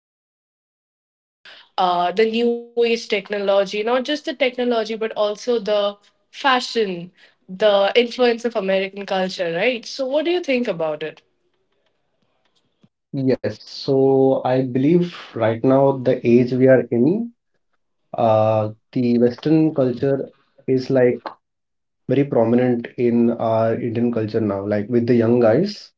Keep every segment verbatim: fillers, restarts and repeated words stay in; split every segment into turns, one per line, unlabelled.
adaptable to uh, the new age technology, not just the technology, but also the fashion, the influence of American culture, right? So, what do you think about it?
Yes, so I believe right now the age we are in, uh, the Western culture is like very prominent in our Indian culture now. Like with the young guys,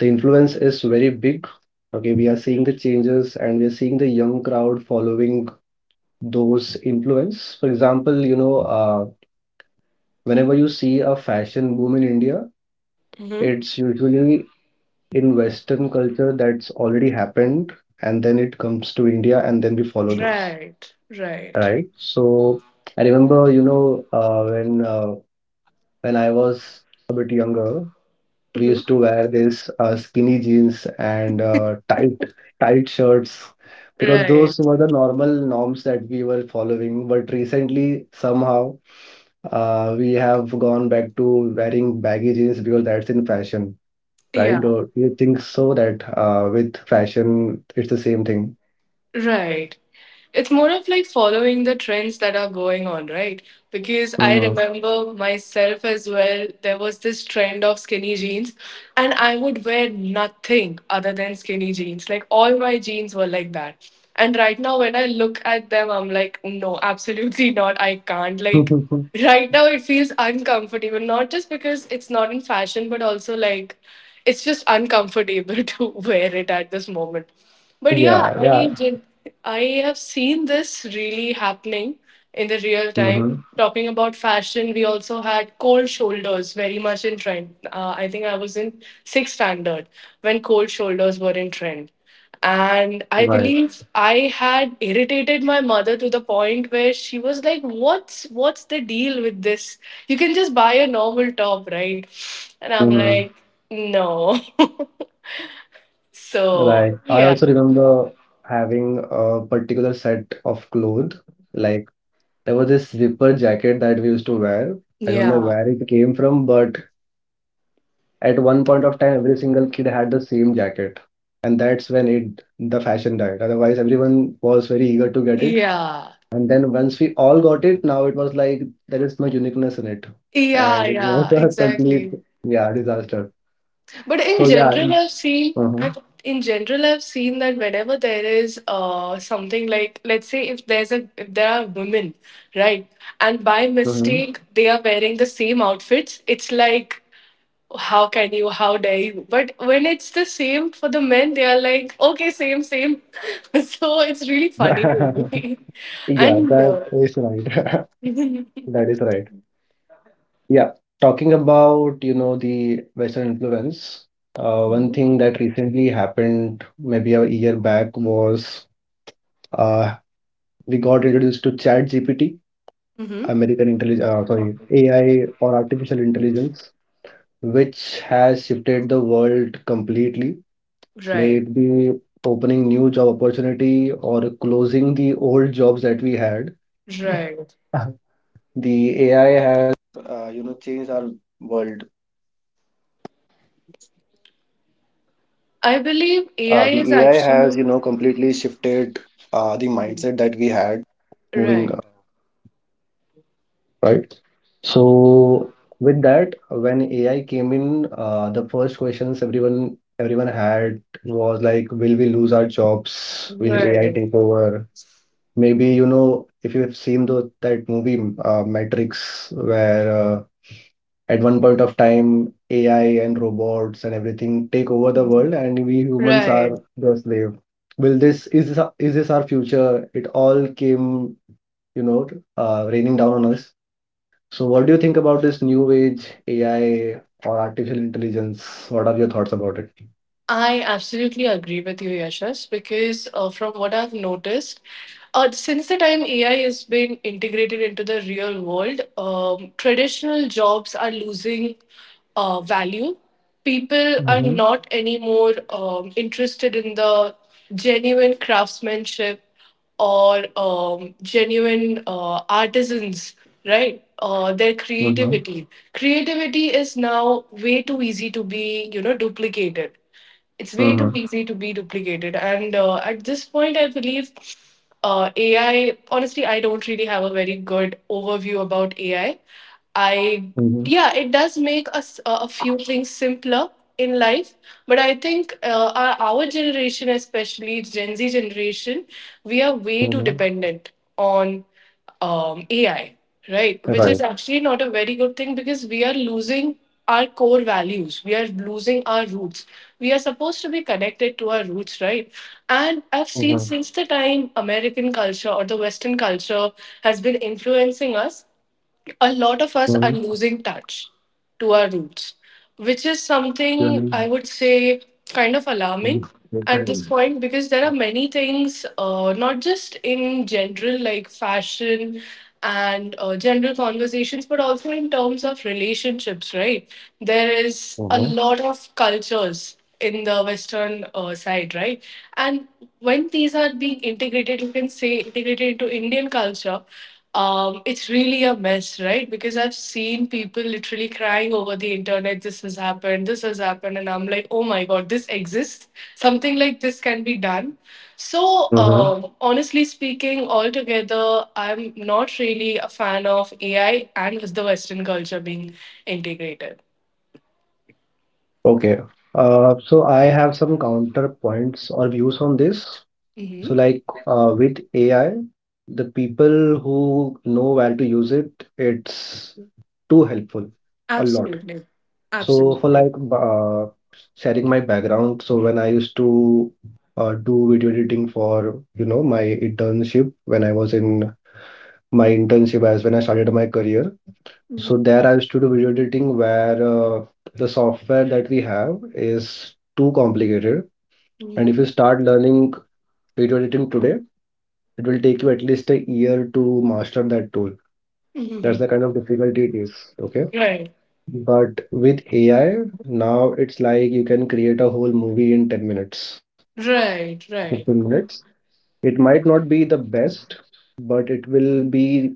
the influence is very big. Okay, we are seeing the changes and we are seeing the young crowd following those influence. For example, you know, uh, whenever you see a fashion boom in India, it's usually in Western culture that's already happened, and then it comes to India, and then we those,
Right, right.
right? So I remember, you know, uh, when uh, when I was a bit younger, we
Mhm.
used to wear these uh, skinny jeans and uh, tight tight shirts because
Right.
those were the normal norms that we were following. But recently, somehow, uh, we have gone back to wearing baggy jeans because that's in fashion right?
Yeah.
Or you think so that uh, with fashion, it's the same thing?
Right. It's more of like following the trends that are going on, right? Because I remember myself as well, there was this trend of skinny jeans, and I would wear nothing other than skinny jeans. Like all my jeans were like that. And right now, when I look at them, I'm like, no, absolutely not. I can't. Like,
Mm-hmm.
right now, it feels uncomfortable, not just because it's not in fashion, but also like it's just uncomfortable to wear it at this moment. But yeah,
Yeah, yeah.
I did. I have seen this really happening in the real
Mm-hmm.
time. Talking about fashion, we also had cold shoulders very much in trend. Uh, I think I was in sixth standard when cold shoulders were in trend. And I
Right.
believe I had irritated my mother to the point where she was like, "What's what's the deal with this? You can just buy a normal top, right?" And I'm
Hmm.
like, "No." so
Right. I
yeah,
also remember having a particular set of clothes. Like there was this zipper jacket that we used to wear. I don't know
yeah.
where it came from, but at one point of time, every single kid had the same jacket, and that's when it the fashion died. Otherwise, everyone was very eager to get it.
Yeah,
And then once we all got it, now it was like there is no uniqueness in it.
yeah,
And it was
yeah,
a complete,
exactly.
yeah, disaster.
But in
So yeah,
general, I've
it's,
seen
uh-huh,
I- in general, I've seen that whenever there is uh something, like, let's say if there's a if there are women, right, and by
uh-huh.
mistake they are wearing the same outfits, it's like how can you, how dare you? But when it's the same for the men, they are like okay, same, same. So it's really funny to me,
Yeah,
and.
that
Uh,
is right. That is right. Yeah. Talking about, you know, the Western influence, uh, one
Mhm.
thing that recently happened maybe a year back was uh, we got introduced to ChatGPT,
Mhm.
American intelligence, uh, sorry, A I or artificial intelligence, which has shifted the world completely, may
Right,
it be opening new job opportunity or closing the old jobs that we had.
right.
The
I believe A I is actually right.
So with that, when A I came in, uh, the first questions everyone everyone had was like, will we lose our jobs? Will A I
Right.
take over? Maybe you know if you have seen the, that movie uh, Matrix, where uh, at one point of time A I and robots and everything take over the world,
Mhm.
and we humans
Right.
are the slave. Will this is this, our- is this our future? It all came, you know, uh, raining down on us. So, what do you think about this new age A I or artificial intelligence? What are your thoughts about it?
I absolutely agree with you, Yashas, because uh, from what I've noticed, uh, since the time A I has been integrated into the real world, um, traditional jobs are losing uh, value. People are
Mm-hmm.
not anymore um, interested in the genuine craftsmanship or um, genuine uh, artisans, right? Uh, their
Mm-hmm.
creativity. Creativity is now way too easy to be, you know, duplicated it's way too
Mm-hmm.
easy to be duplicated. And uh, at this point, I believe uh, A I, honestly, I don't really have a very good overview about A I. I I,
Mm-hmm.
yeah, it does make us uh, a few things simpler in life, but I think uh, our, our generation, especially Gen Z generation, we are way too
Mm-hmm.
dependent on um, A I, right? Which
Right.
is actually not a very good thing because we are losing our core values. We are losing our roots. We are supposed to be connected to our roots, right? And I've
Mm-hmm.
seen since the time American culture or the Western culture has been influencing us, a lot of us are
Mm-hmm.
losing touch to our roots, which is something I
Mm-hmm.
would say kind of alarming at this point because there are many things, uh, not just in general, like fashion and uh, general conversations, but also in terms of relationships, right? There is a
Mm-hmm.
lot of cultures in the western uh, side, right? And when these are being integrated, you can say integrated into Indian culture, um, it's really a mess, right? Because I've seen people literally crying over the internet, this has happened, this has happened, and I'm like, oh my god, this exists. Something like this can be done. So,
Mm-hmm.
um, honestly speaking, altogether, I'm not really a fan of A I and the Western culture being integrated.
Okay. Uh, so I have some counterpoints or views on this. So,
Hmm.
like uh, with A I, the people who know where to use it, it's too helpful a lot.
Absolutely.
So for
Absolutely.
like b- uh, sharing my background, so when I used to uh, do video editing for you know my internship when I was in my internship as when I started my career. So
Mhm.
there I used to do video editing where uh, the software that we have is too complicated, and
Mhm.
if you start learning video editing today, it will take you at least a year to master that tool. That's
Mhm.
the kind of difficulty it is. Okay.
Right.
But with A I, now it's like you can create a whole movie in ten minutes,
Right.
fifteen
Right.
minutes. It might not be the best, but it will be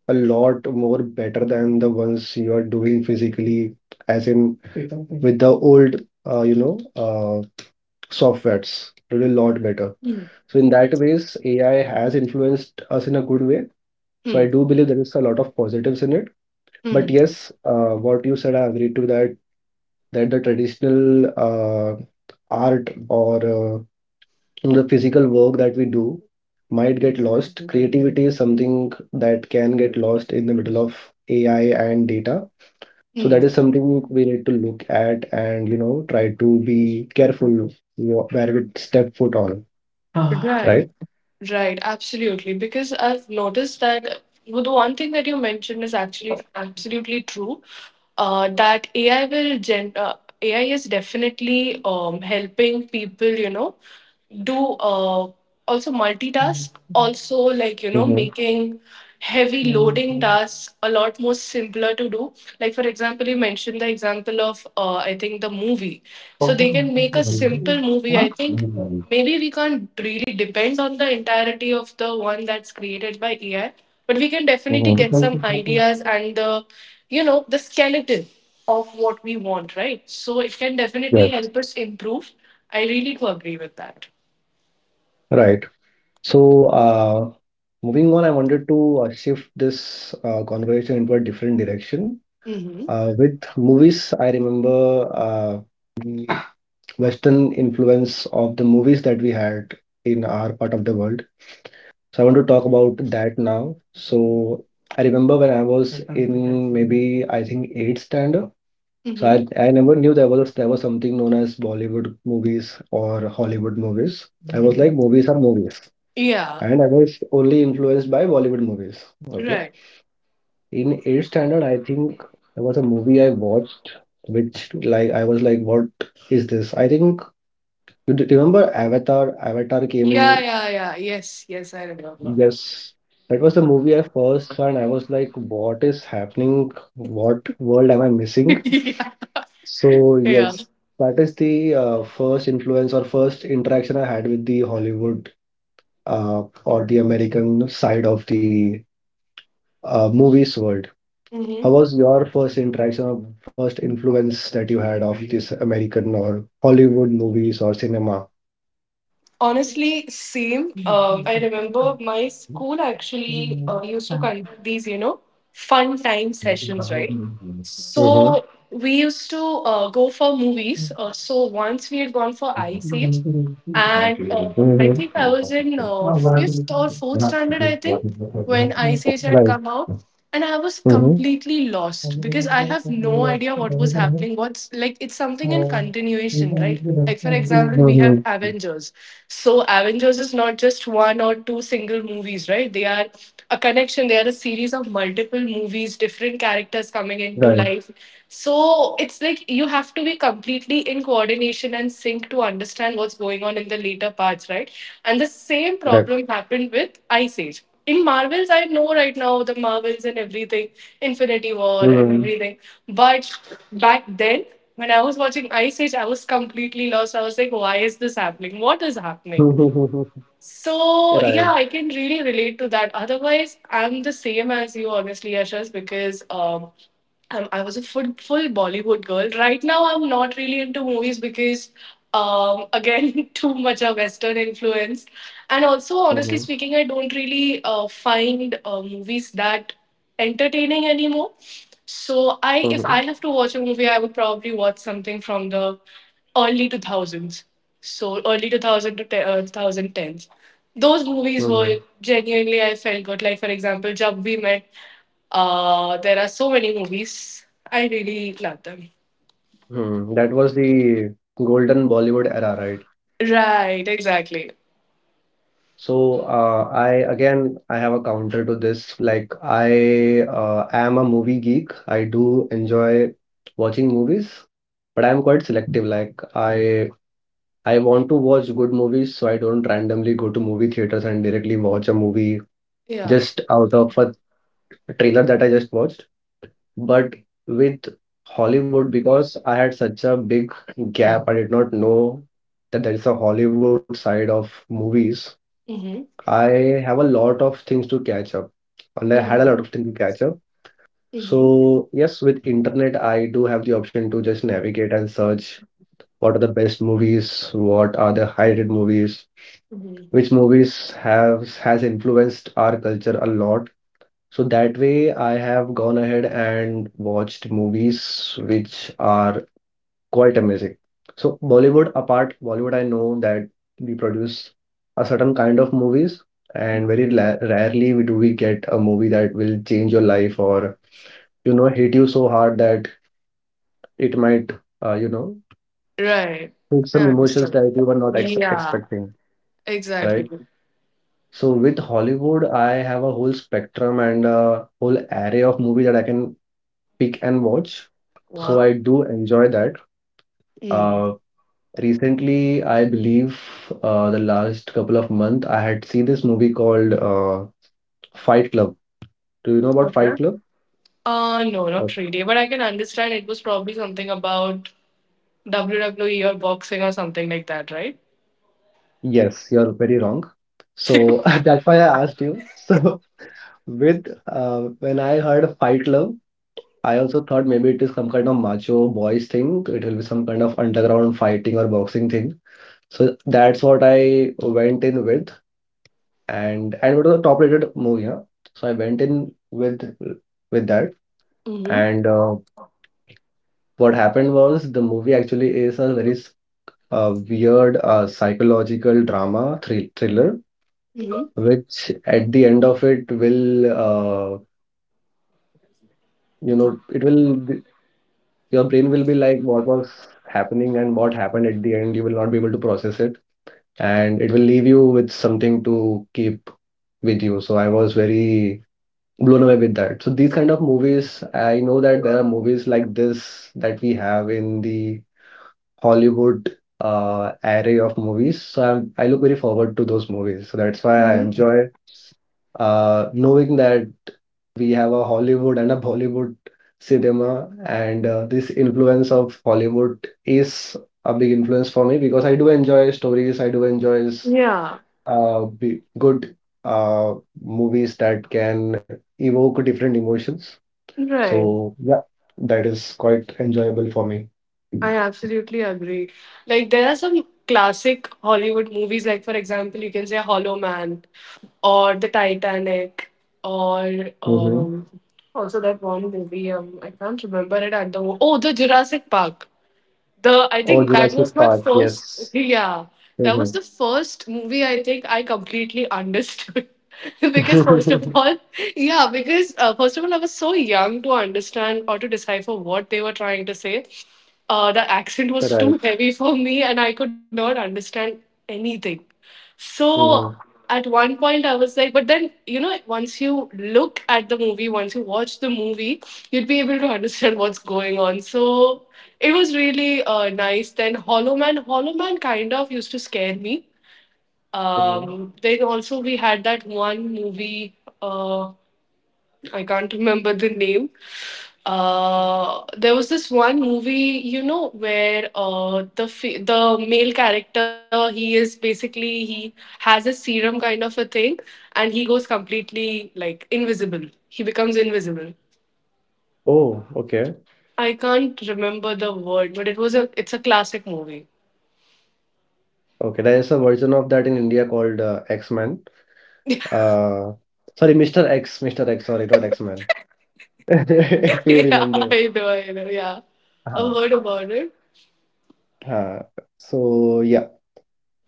a lot more better than the ones you are doing physically, as in with the old, uh, you know, uh, softwares. It will a lot better.
Mm,
So in that ways, A I has influenced us in a good way. So I
mm,
do believe there is a lot of positives in it. But
mm,
yes, uh, what you said, I agree to that, that the traditional uh, art or uh, the physical work that we do might get lost. Creativity is something that can get lost in the middle of A I and data. So
mm.
that is something we need to look at and you know try to be careful wh- where we step foot on,
Right.
right?
Right, absolutely. Because I've noticed that, well, the one thing that you mentioned is actually absolutely true. Uh, that A I will gen uh, A I is definitely um, helping people, you know, do uh, also multitask, also, like, you know,
Mm-hmm.
making heavy loading tasks a lot more simpler to do. Like, for example, you mentioned the example of, uh, I think, the movie. So they can make a simple movie. I think
Mm-hmm.
maybe we can't really depend on the entirety of the one that's created by A I, but we can definitely get some ideas and the, you know, the skeleton of what we want, right? So it can definitely
Yes.
help us improve. I really do agree with that.
Right. So, uh, moving on, I wanted to uh, shift this uh, conversation into a different direction.
Mm-hmm.
Uh, with movies, I remember uh, the Western influence of the movies that we had in our part of the world. So, I want to talk about that now. So, I remember when I was in maybe I think eighth standard. So
Mm-hmm.
I, I never knew there was there was something known as Bollywood movies or Hollywood movies. I was like,
Mm-hmm.
movies are movies.
Yeah.
And I was only influenced by Bollywood movies. Okay.
Right.
In eighth standard, I think there was a movie I watched which like I was like, what is this? I think you d- remember Avatar? Avatar came
Yeah.
in
Yeah. Yeah. Yes. Yes. I remember.
yes. That was the movie I first saw, and I was like, what is happening? What world am I missing?
yeah.
So
Yeah.
yes, that is the uh, first influence or first interaction I had with the Hollywood uh, or the American side of the uh, movies world. How
Mm-hmm.
was your first interaction or first influence that you had of this American or Hollywood movies or cinema?
Honestly, same. Um, I remember my school actually uh, used to conduct these, you know, fun time sessions, right?
Mm-hmm. Mm-hmm.
So we used to uh, go for movies. Uh, so once we had gone for Ice Age, and uh, I think I was in uh, fifth or fourth standard, I think, when Ice Age had
Right.
come out, and I was
Mm-hmm.
completely lost because I have no idea what was happening. What's like it's something in continuation, right? Like for example, we
Mm-hmm.
have Avengers. So Avengers is not just one or two single movies, right? They are a connection. They are a series of multiple movies, different characters coming into
Right.
life. So it's like you have to be completely in coordination and sync to understand what's going on in the later parts, right? And the same
Right. Mm-hmm.
problem happened with Ice Age in Marvels, I know right now the Marvels and everything, Infinity War and everything. But back then, when I was watching Ice Age, I was completely lost. I was like, why is this happening? What is happening? So yeah,
Right.
I can really relate to that. Otherwise, I'm the same as you, honestly, Yashas, because um, um, I was a full full Bollywood girl. Right now, I'm not really into movies because, um, again, too much of Western influence, and also, honestly
Mm-hmm.
speaking, I don't really uh, find uh, movies that entertaining anymore. So I, if
Mm-hmm.
I have to watch a movie, I would probably watch something from the early two thousands. So early two thousand to te- uh, twenty tens. Those movies
Mm-hmm.
were genuinely, I felt good. Like, for example, Jab We Met. Uh, there are so many movies. I really love them.
Hmm. That was the golden Bollywood era, right?
Right, exactly.
So, uh, I again, I have a counter to this. Like, I uh, am a movie geek. I do enjoy watching movies, but I'm quite selective. Like, I I want to watch good movies, so I don't randomly go to movie theaters and directly watch a movie
Yeah.
just out of a trailer that I just watched. But with Hollywood, because I had such a big gap, I did not know that there is a Hollywood side of movies.
Mm-hmm.
I have a lot of things to catch up, and I had a
Mm-hmm.
lot of things to catch up.
Mm-hmm.
So yes, with internet, I do have the option to just navigate and search what are the best movies, what are the high-rated movies,
Hmm.
which movies have has influenced our culture a lot. So that way, I have gone ahead and watched movies which are quite amazing. So Bollywood apart, Bollywood I know that we produce a certain kind of movies, and very la- rarely we do we get a movie that will change your life or you know hit you so hard that it might uh, you know s-
Right.
hit
I
some emotions
understood.
that you were not ex
Yeah,
expecting,
exactly.
right? So with Hollywood, I have a whole spectrum and a whole array of movie that I can pick and watch. So I
Wow.
do enjoy that.
Mm.
Uh, Recently, I believe uh, the last couple of months, I had seen this movie called uh, Fight Club. Do you know about
Okay.
Fight Club?
Uh, no,
Uh,
not really. But I can understand it was probably something about W W E or boxing or something like that, right?
yes, you're very wrong. So that's why I asked you. So with uh, when I heard of Fight Club, I also thought maybe it is some kind of macho boys thing. It will be some kind of underground fighting or boxing thing. So that's what I went in with, and and it was a top rated movie, huh? So I went in with with that.
Mm-hmm.
And uh, what happened was the movie actually is a very uh, weird uh, psychological drama thrill thriller,
Mm-hmm.
which at the end of it will, uh, you know, it will, be- your brain will be like, what was happening and what happened at the end. You will not be able to process it, and it will leave you with something to keep with you. So I was very blown away with that. So these kind of movies, I know that there are movies like this that we have in the Hollywood uh, array of movies. So I'm, I look very forward to those movies. So that's why I
Mm-hmm.
enjoy uh, knowing that we have a Hollywood and a Bollywood cinema, and uh, this influence of Hollywood is a big influence for me because I do enjoy stories. I do enjoy
Yeah,
uh, be good uh, movies that can evoke different emotions.
right.
So yeah, that is quite enjoyable for me.
I absolutely agree. Like there are some classic Hollywood movies, like for example, you can say Hollow Man or The Titanic or
Mm-hmm.
um also that one movie, um I can't remember it at the, oh, the Jurassic Park. The I
Oh,
think that was
Jurassic
my
Park,
first
yes.
yeah. That was
Mhm.
the first movie I think I completely understood. because first of all, yeah, because uh, first of all, I was so young to understand or to decipher what they were trying to say. Uh, the accent was
Right. Mhm.
too heavy for me and I could not understand anything. So at one point, I was like, but then, you know, once you look at the movie, once you watch the movie, you'd be able to understand what's going on. So it was really uh, nice. Then Hollow Man, Hollow Man kind of used to scare me.
Mhm.
Um, then also, we had that one movie. Uh, I can't remember the name. Uh, there was this one movie, you know, where uh, the fe- the male character, he is basically, he has a serum kind of a thing, and he goes completely, like, invisible. He becomes invisible.
Oh, okay.
I can't remember the word, but it was a it's a classic movie.
Okay. There is a version of that in India called uh, X-Men.
yeah,
Uh, sorry, mister X. mister X. Sorry, not X-Men. If you remember.
I know, I know. Yeah,
Uh-huh.
I've heard about it.
Uh, so yeah.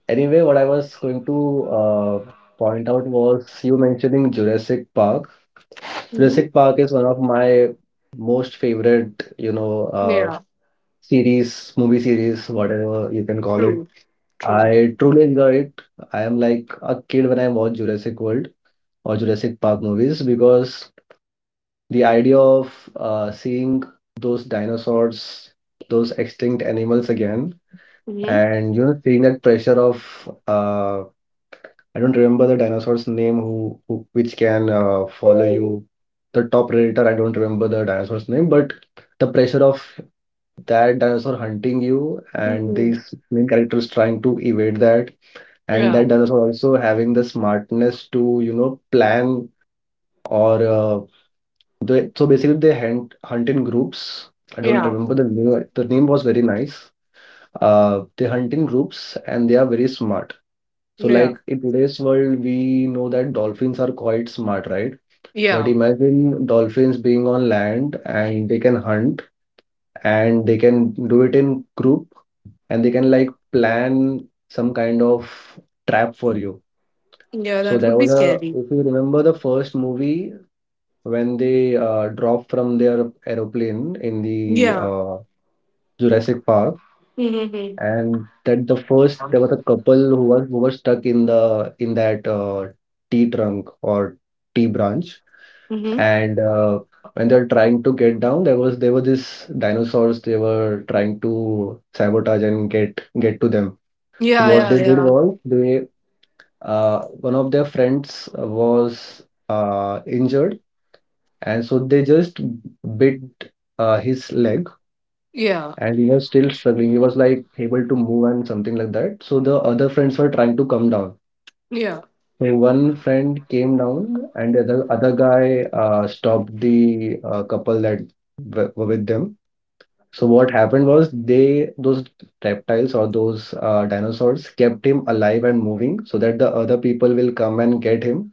Anyway, what I was going to uh, point out was you mentioning Jurassic Park.
Hmm.
Jurassic Park is one of my most favorite, you know, uh,
Yeah,
series, movie series, whatever you can call it.
true, true.
I truly enjoy it. I am like a kid when I watch Jurassic World or Jurassic Park movies because the idea of uh, seeing those dinosaurs, those extinct animals again,
Hmm.
and you know, seeing that pressure of uh, I don't remember the dinosaur's name who, who which can uh, follow you. The top predator, I don't remember the dinosaur's name, but the pressure of that dinosaur hunting you and
Hmm.
these main characters trying to evade that, and
Yeah,
that dinosaur also having the smartness to you know plan or uh, they, so basically they hunt hunt in groups. I don't
yeah,
remember the name. The name was very nice. Uh, they hunt in groups and they are very smart. So
yeah.
like in today's world, we know that dolphins are quite smart, right? But
Yeah.
imagine dolphins being on land and they can hunt, and they can do it in group, and they can like plan some kind of trap for you.
Yeah,
So
that
there
would be
was a,
scary.
if you remember the first movie, when they uh, drop from their aeroplane in the
Yeah.
uh, Jurassic Park,
Mm-hmm.
and that the first, there was a couple who was who was stuck in the in that uh, tea trunk or tea branch,
Mm-hmm.
and uh, when they're trying to get down, there was there were these dinosaurs, they were trying to sabotage and get get to them. So
Yeah,
what
yeah,
they did
yeah.
was they, uh, one of their friends was uh, injured, and so they just bit uh, his leg,
Yeah.
and he was still struggling. He was like able to move and something like that. So the other friends were trying to come down.
Yeah.
So one friend came down, and the other, other guy uh, stopped the uh, couple that w- were with them. So what happened was they, those reptiles or those uh, dinosaurs kept him alive and moving so that the other people will come and get him,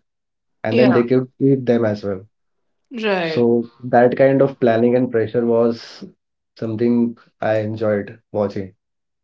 and then
Yeah.
they could eat them as well.
Right.
So that kind of planning and pressure was something I enjoyed watching.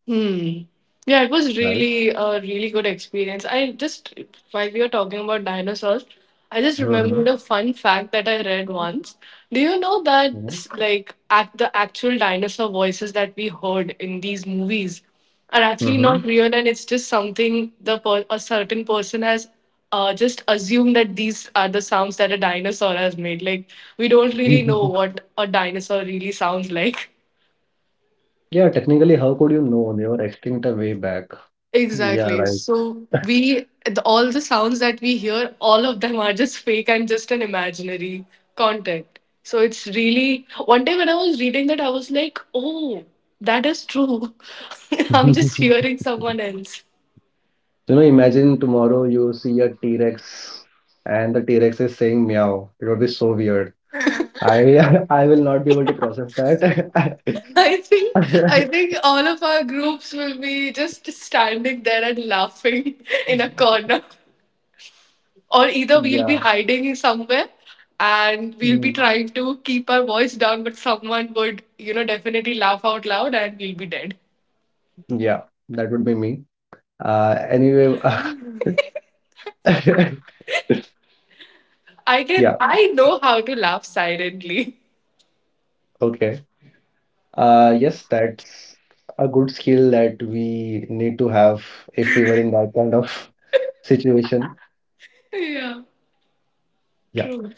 Hmm. Yeah, it was
Right.
really a really good experience. I just, while we were talking about dinosaurs, I just
Hmm.
remembered a fun fact that I read once. Do you know that,
Mhm.
s- like, at the actual dinosaur voices that we heard in these movies are actually
Hmm.
not real, and it's just something the per- a certain person has uh, just assumed that these are the sounds that a dinosaur has made. Like, we don't really know what a dinosaur really sounds like.
Yeah, technically, how could you know? They were extinct a way back. Yeah,
Exactly.
right.
So we the, all the sounds that we hear, all of them are just fake and just an imaginary content. So it's really one day when I was reading that I was like, oh, that is true. I'm just hearing someone else.
You know, imagine tomorrow you see a T-Rex and the T-Rex is saying meow. It would be so weird. I, I will not be able to process that.
I think I think all of our groups will be just standing there and laughing in a corner, or either we'll be
Yeah.
hiding somewhere and we'll be
Mm.
trying to keep our voice down, but someone would you know definitely laugh out loud and we'll be dead.
Yeah, that would be me. Uh, anyway,
i can
yeah,
i know how to laugh silently.
okay. Uh, yes, that's a good skill that we need to have if we were in that kind of situation.
Yeah,
Yeah.
true.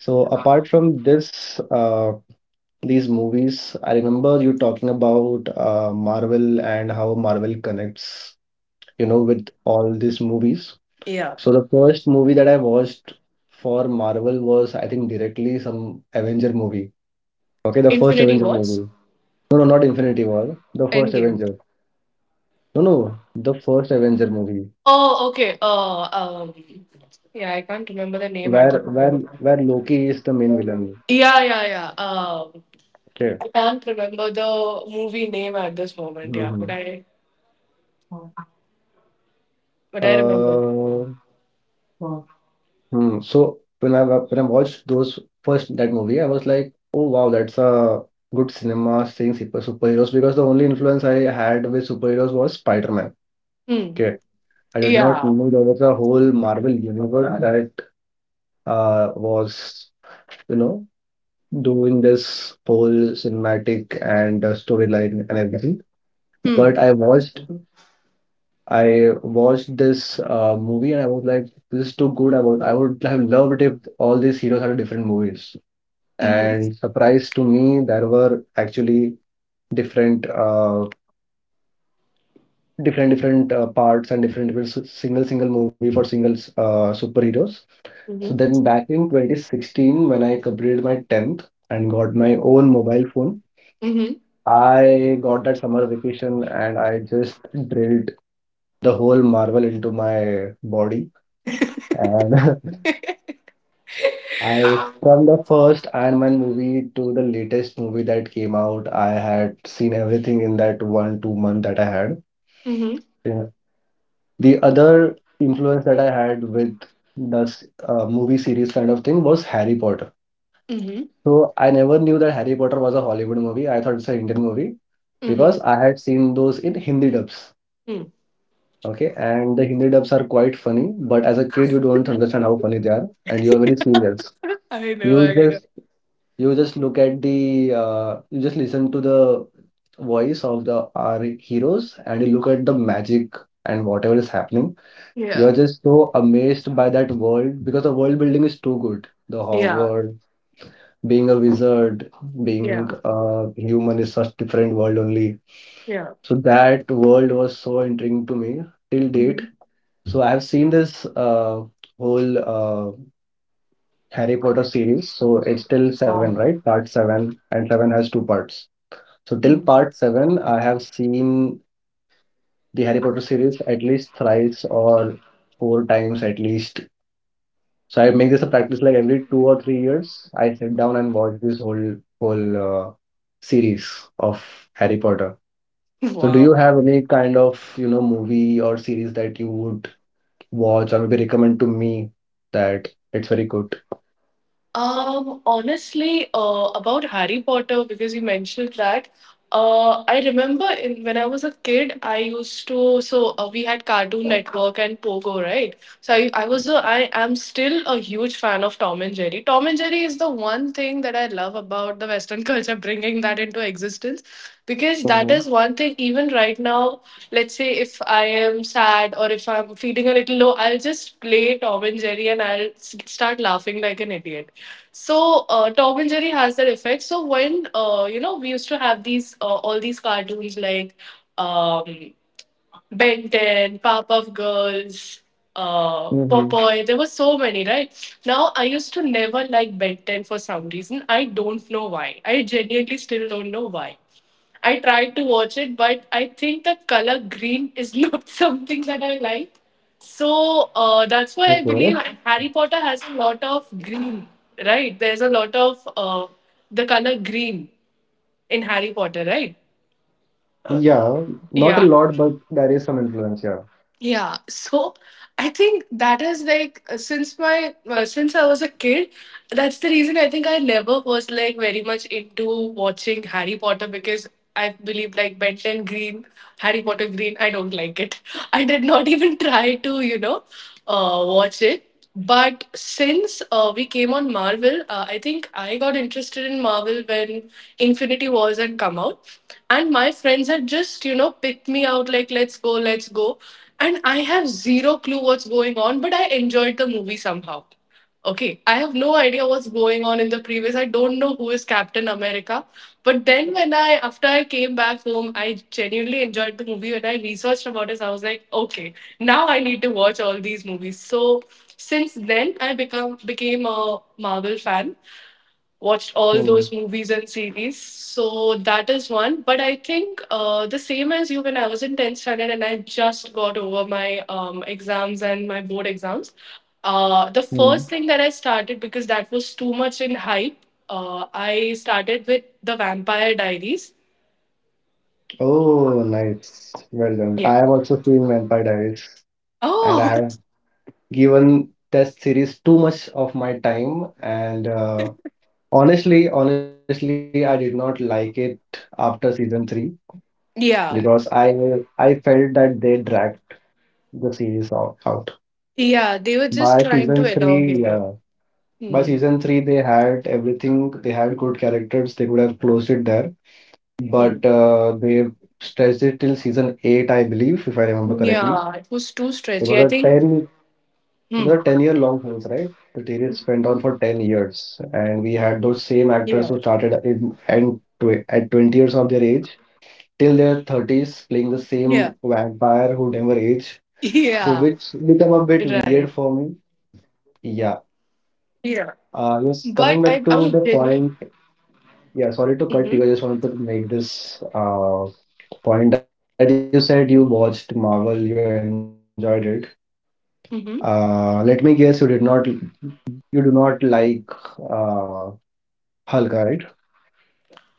So apart from this, uh, these movies, I remember you talking about uh, Marvel and how Marvel connects, you know, with all these movies. So the first movie that I watched for Marvel was, I think, directly some Avenger movie. Okay, the first
Infinity
Avenger
Wars?
movie. No, no, not Infinity War. The first
Endgame?
Avenger. No, no, the first Avenger movie
Oh, okay, uh um yeah, I can't remember the name at
where
the
where
moment.
where Loki is the main villain.
Yeah, yeah, yeah, um
Okay.
I can't remember the movie name at this moment. Yeah, but
Mm-hmm.
i but i remember.
Uh, hmm. So when I wa- when I watched those first that movie, I was like, oh wow, that's a good cinema, seeing super superheroes, because the only influence I had with superheroes was Spider-Man.
Hmm.
Okay. I did not
Yeah.
know there was a whole Marvel universe that uh was, you know, doing this whole cinematic and uh, storyline and everything.
Hmm.
But I watched, I watched this uh, movie and I was like, this is too good. I would, I would have loved if all these heroes had different movies.
Mhm.
And surprise to me, there were actually different, uh, different, different uh, parts and different, different s- single, single movie for single uh, superheroes. So
Mhm.
then back in twenty sixteen, when I completed my tenth and got my own mobile phone.
Mhm.
I got that summer vacation and I just drilled the whole Marvel into my body. And I, from the first Iron Man movie to the latest movie that came out, I had seen everything in that one, two month that I had.
Mhm.
Yeah. The other influence that I had with this uh, movie series kind of thing was Harry Potter.
Mhm.
So I never knew that Harry Potter was a Hollywood movie. I thought it's an Indian movie because
Mhm.
I had seen those in Hindi dubs.
Mhm.
Okay, and the Hindi dubs are quite funny, but as a kid you don't understand how funny they are, and you are very serious.
I know.
You
I know.
just you just look at the uh, you just listen to the voice of the our heroes, and you look at the magic and whatever is happening.
Yeah.
You're just so amazed by that world because the world building is too good. The
Yeah.
Hogwarts, being a wizard,
Yeah.
being a human is such different world only.
Yeah.
So that world was so intriguing to me. Till date,
Mhm.
so I've seen this uh, whole uh, Harry Potter series. So it's till seven,
Wow.
right? Part seven, and seven has two parts. So till
Mhm.
part seven, I have seen the Harry Potter series at least thrice or four times at least. So I make this a practice like every two or three years, I sit down and watch this whole whole uh, series of Harry Potter. So do you
Wow.
have any kind of, you know, movie or series that you would watch or maybe recommend to me that it's very good?
Um, honestly, uh, about Harry Potter, because you mentioned that, uh, I remember in when I was a kid, I used to so uh, we had Cartoon Network and Pogo, right? So I, I was a, I am still a huge fan of Tom and Jerry. Tom and Jerry is the one thing that I love about the Western culture, bringing that into existence, because that
Mm-hmm.
is one thing. Even right now, let's say if I am sad or if I'm feeling a little low, I'll just play Tom and Jerry and I'll s- start laughing like an idiot. So uh, Tom and Jerry has that effect. So when uh, you know we used to have these uh, all these cartoons like um, Ben 10, Powerpuff Girls, uh,
Mm-hmm.
Popeye. There were so many, right? Now, I used to never like Ben 10 for some reason. I don't know why. I genuinely still don't know why. I tried to watch it, but I think the color green is not something that I like. So uh, that's why I believe
Okay.
Harry Potter has a lot of green, right? There's a lot of uh, the color green in Harry Potter, right?
Yeah, not a
Yeah.
lot, but there is some influence, yeah.
Yeah, so I think that is like uh, since my uh, since I was a kid, that's the reason I think I never was like very much into watching Harry Potter, because I believe like Ben 10 Green, Harry Potter Green, I don't like it. I did not even try to, you know, uh, watch it. But since uh, we came on Marvel, uh, I think I got interested in Marvel when Infinity Wars had come out, and my friends had just you know picked me out like, let's go, let's go, and I have zero clue what's going on, but I enjoyed the movie somehow. Okay, I have no idea what's going on in the previous. I don't know who is Captain America. But then when I after I came back home, I genuinely enjoyed the movie. When I researched about it, I was like, okay, now I need to watch all these movies. So since then I become became a Marvel fan, watched all
Hmm.
those movies and series. So that is one. But I think uh, the same as you, when I was in tenth standard and I just got over my um, exams and my board exams, uh, the
Hmm.
first thing that I started, because that was too much in hype, uh, I started with the Vampire Diaries.
Oh, nice. Well done. I
Yeah.
have also seen Vampire Diaries, and I
Oh,
have given that series too much of my time. And uh, honestly, honestly, I did not like it after season three because
yeah.
I I felt that they dragged the series out. out.
Yeah, they were just
By
trying to
season three,
elongate it.
yeah. By
Hmm.
season three, they had everything. They had good characters. They could have closed it there,
Hmm.
but uh, they stretched it till season eight, I believe, if I remember correctly.
Yeah, it was too
It
stretchy,
was
I
a
think.
ten. It
Hmm.
was a ten-year long series, right? The series went on for ten years, and we
Yeah.
had those same actors who started in and tw- at twenty years of their age till their thirties, playing the
Yeah.
same vampire who never aged. So
Yeah.
which became a bit weird
Right.
for me. Yeah.
Yeah.
Uh, yes,
But
coming back
I, I
to the
would genuinely.
point, yeah, sorry to cut
Hmm.
you. I just wanted to make this uh, point that you said you watched Marvel, you enjoyed it. Uh, let me guess, you did not,
Hmm.
you do not like uh, Hulk, right?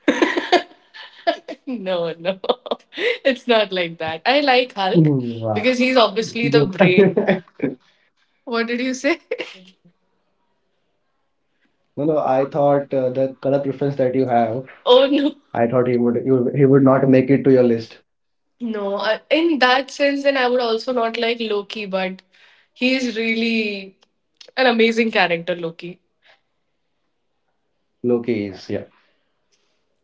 No, no. It's not like that. I like
Mm,
Hulk
wow.
because he's
Good.
obviously the brain. What did you say?
No, no, I thought uh, the color preference that you have,
Oh, no.
I thought he would, you, he would not make it to your list.
No, I- in that sense, then I would also not like Loki, but he's really an amazing character, Loki.
Loki is, yeah.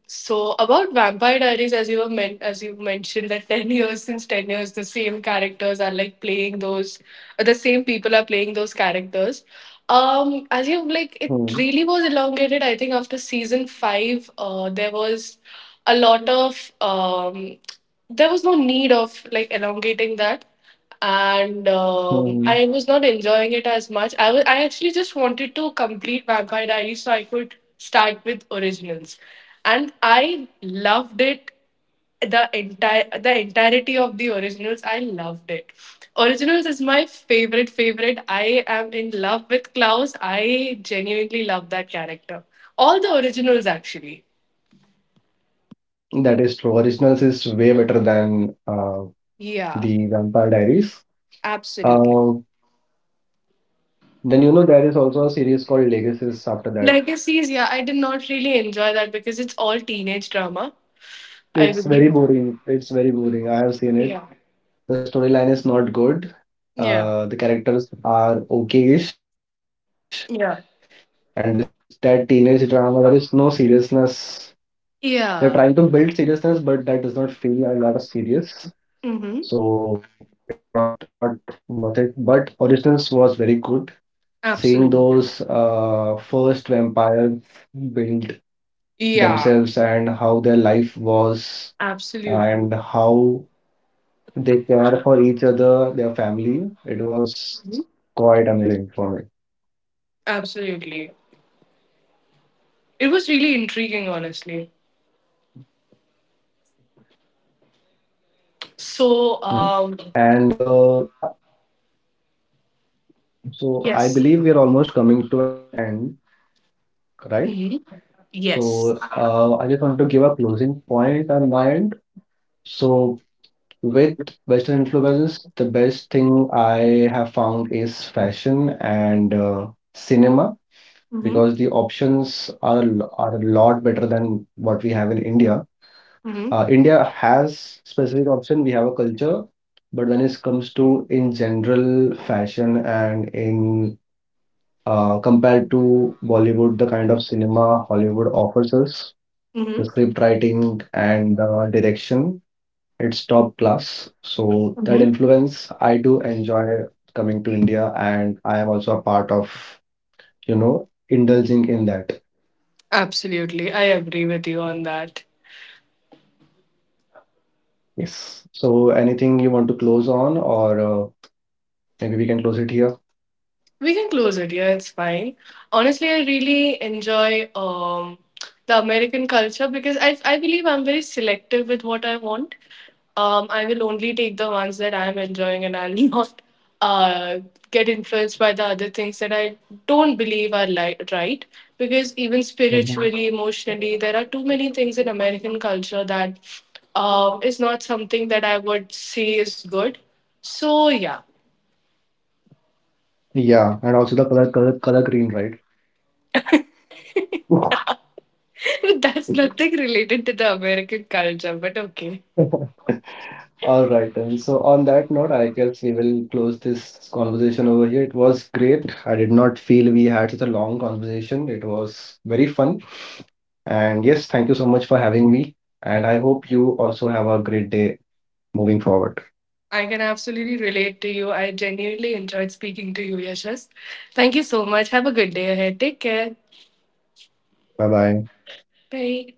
So about Vampire Diaries, as you were men- as you mentioned that ten years, since ten years, the same characters are like playing those, uh, the same people are playing those characters. Um, as you like, it really
Hmm.
was elongated. I think after season five, uh, there was a lot of um, there was no need of like elongating that, and
Hmm.
um, I was not enjoying it as much. I wa- I actually just wanted to complete Vampire Diaries so I could start with originals, and I loved it. The entire the entirety of the originals, I loved it. Originals is my favorite favorite. I am in love with Klaus. I genuinely love that character. All the originals actually.
That is true. Originals is way better than uh,
Yeah,
the Vampire Diaries.
absolutely.
Uh, Then you know there is also a series called Legacies after that.
Legacies, yeah, I did not really enjoy that because it's all teenage drama. I
It's very
believe.
boring. It's very boring. I have seen it.
Yeah.
The storyline is not good.
Yeah.
Uh, the characters are okay-ish, and this
Yeah.
that teenage drama. There is no seriousness. They're trying to build seriousness, but that does
Yeah.
not feel a lot of serious. So it's not not
Mm-hmm.
worth it. But Origins was very good. Seeing
Absolutely.
those uh, first vampires build
Yeah.
themselves and how their life was and
Absolutely.
how they care for each other, their family. It was
Mhm.
quite amazing for me.
Absolutely. It was really intriguing, honestly.
Right. Hmm.
So, um,
And uh, yeah, so I
yes.
believe we're almost coming to an end, right?
Mm-hmm. Yes.
So uh, I just want to give a closing point on my end. So with Western influences, the best thing I have found is fashion and uh, cinema,
Mm-hmm.
because the options are a, lo- are a lot better than what we have in India.
Mm-hmm.
uh, India has specific option. We have a culture, but when it comes to in general fashion uh, compared to Bollywood, the kind of cinema Hollywood offers us, the script
Mm-hmm.
writing and the direction, it's top class. So that influence,
Mm-hmm.
I do enjoy coming to India, and I am also a part of, you know, indulging in that.
Absolutely. I agree with you on that.
Yes. So anything you want to close on, or uh, maybe we can close it here.
We can close it. Yeah, it's fine. Honestly, I really enjoy um, the American culture because I, I believe I'm very selective with what I want. Um, I will only take the ones that I'm enjoying and I'll not uh, get influenced by the other things that I don't believe are li- right. Because even
Mhm.
spiritually, emotionally, there are too many things in American culture that um, is not something that I would say is good. So, yeah.
Yeah, and also the color color color green, right?
That's nothing related to the American culture, but okay.
All right, then. So, on that note, I guess we will close this conversation over here. It was great. I did not feel we had such a long conversation. It was very fun. And yes, thank you so much for having me. And I hope you also have a great day moving forward.
I can absolutely relate to you. I genuinely enjoyed speaking to you, Yashas. Thank you so much. Have a good day ahead. Take care.
Bye bye.
Bye.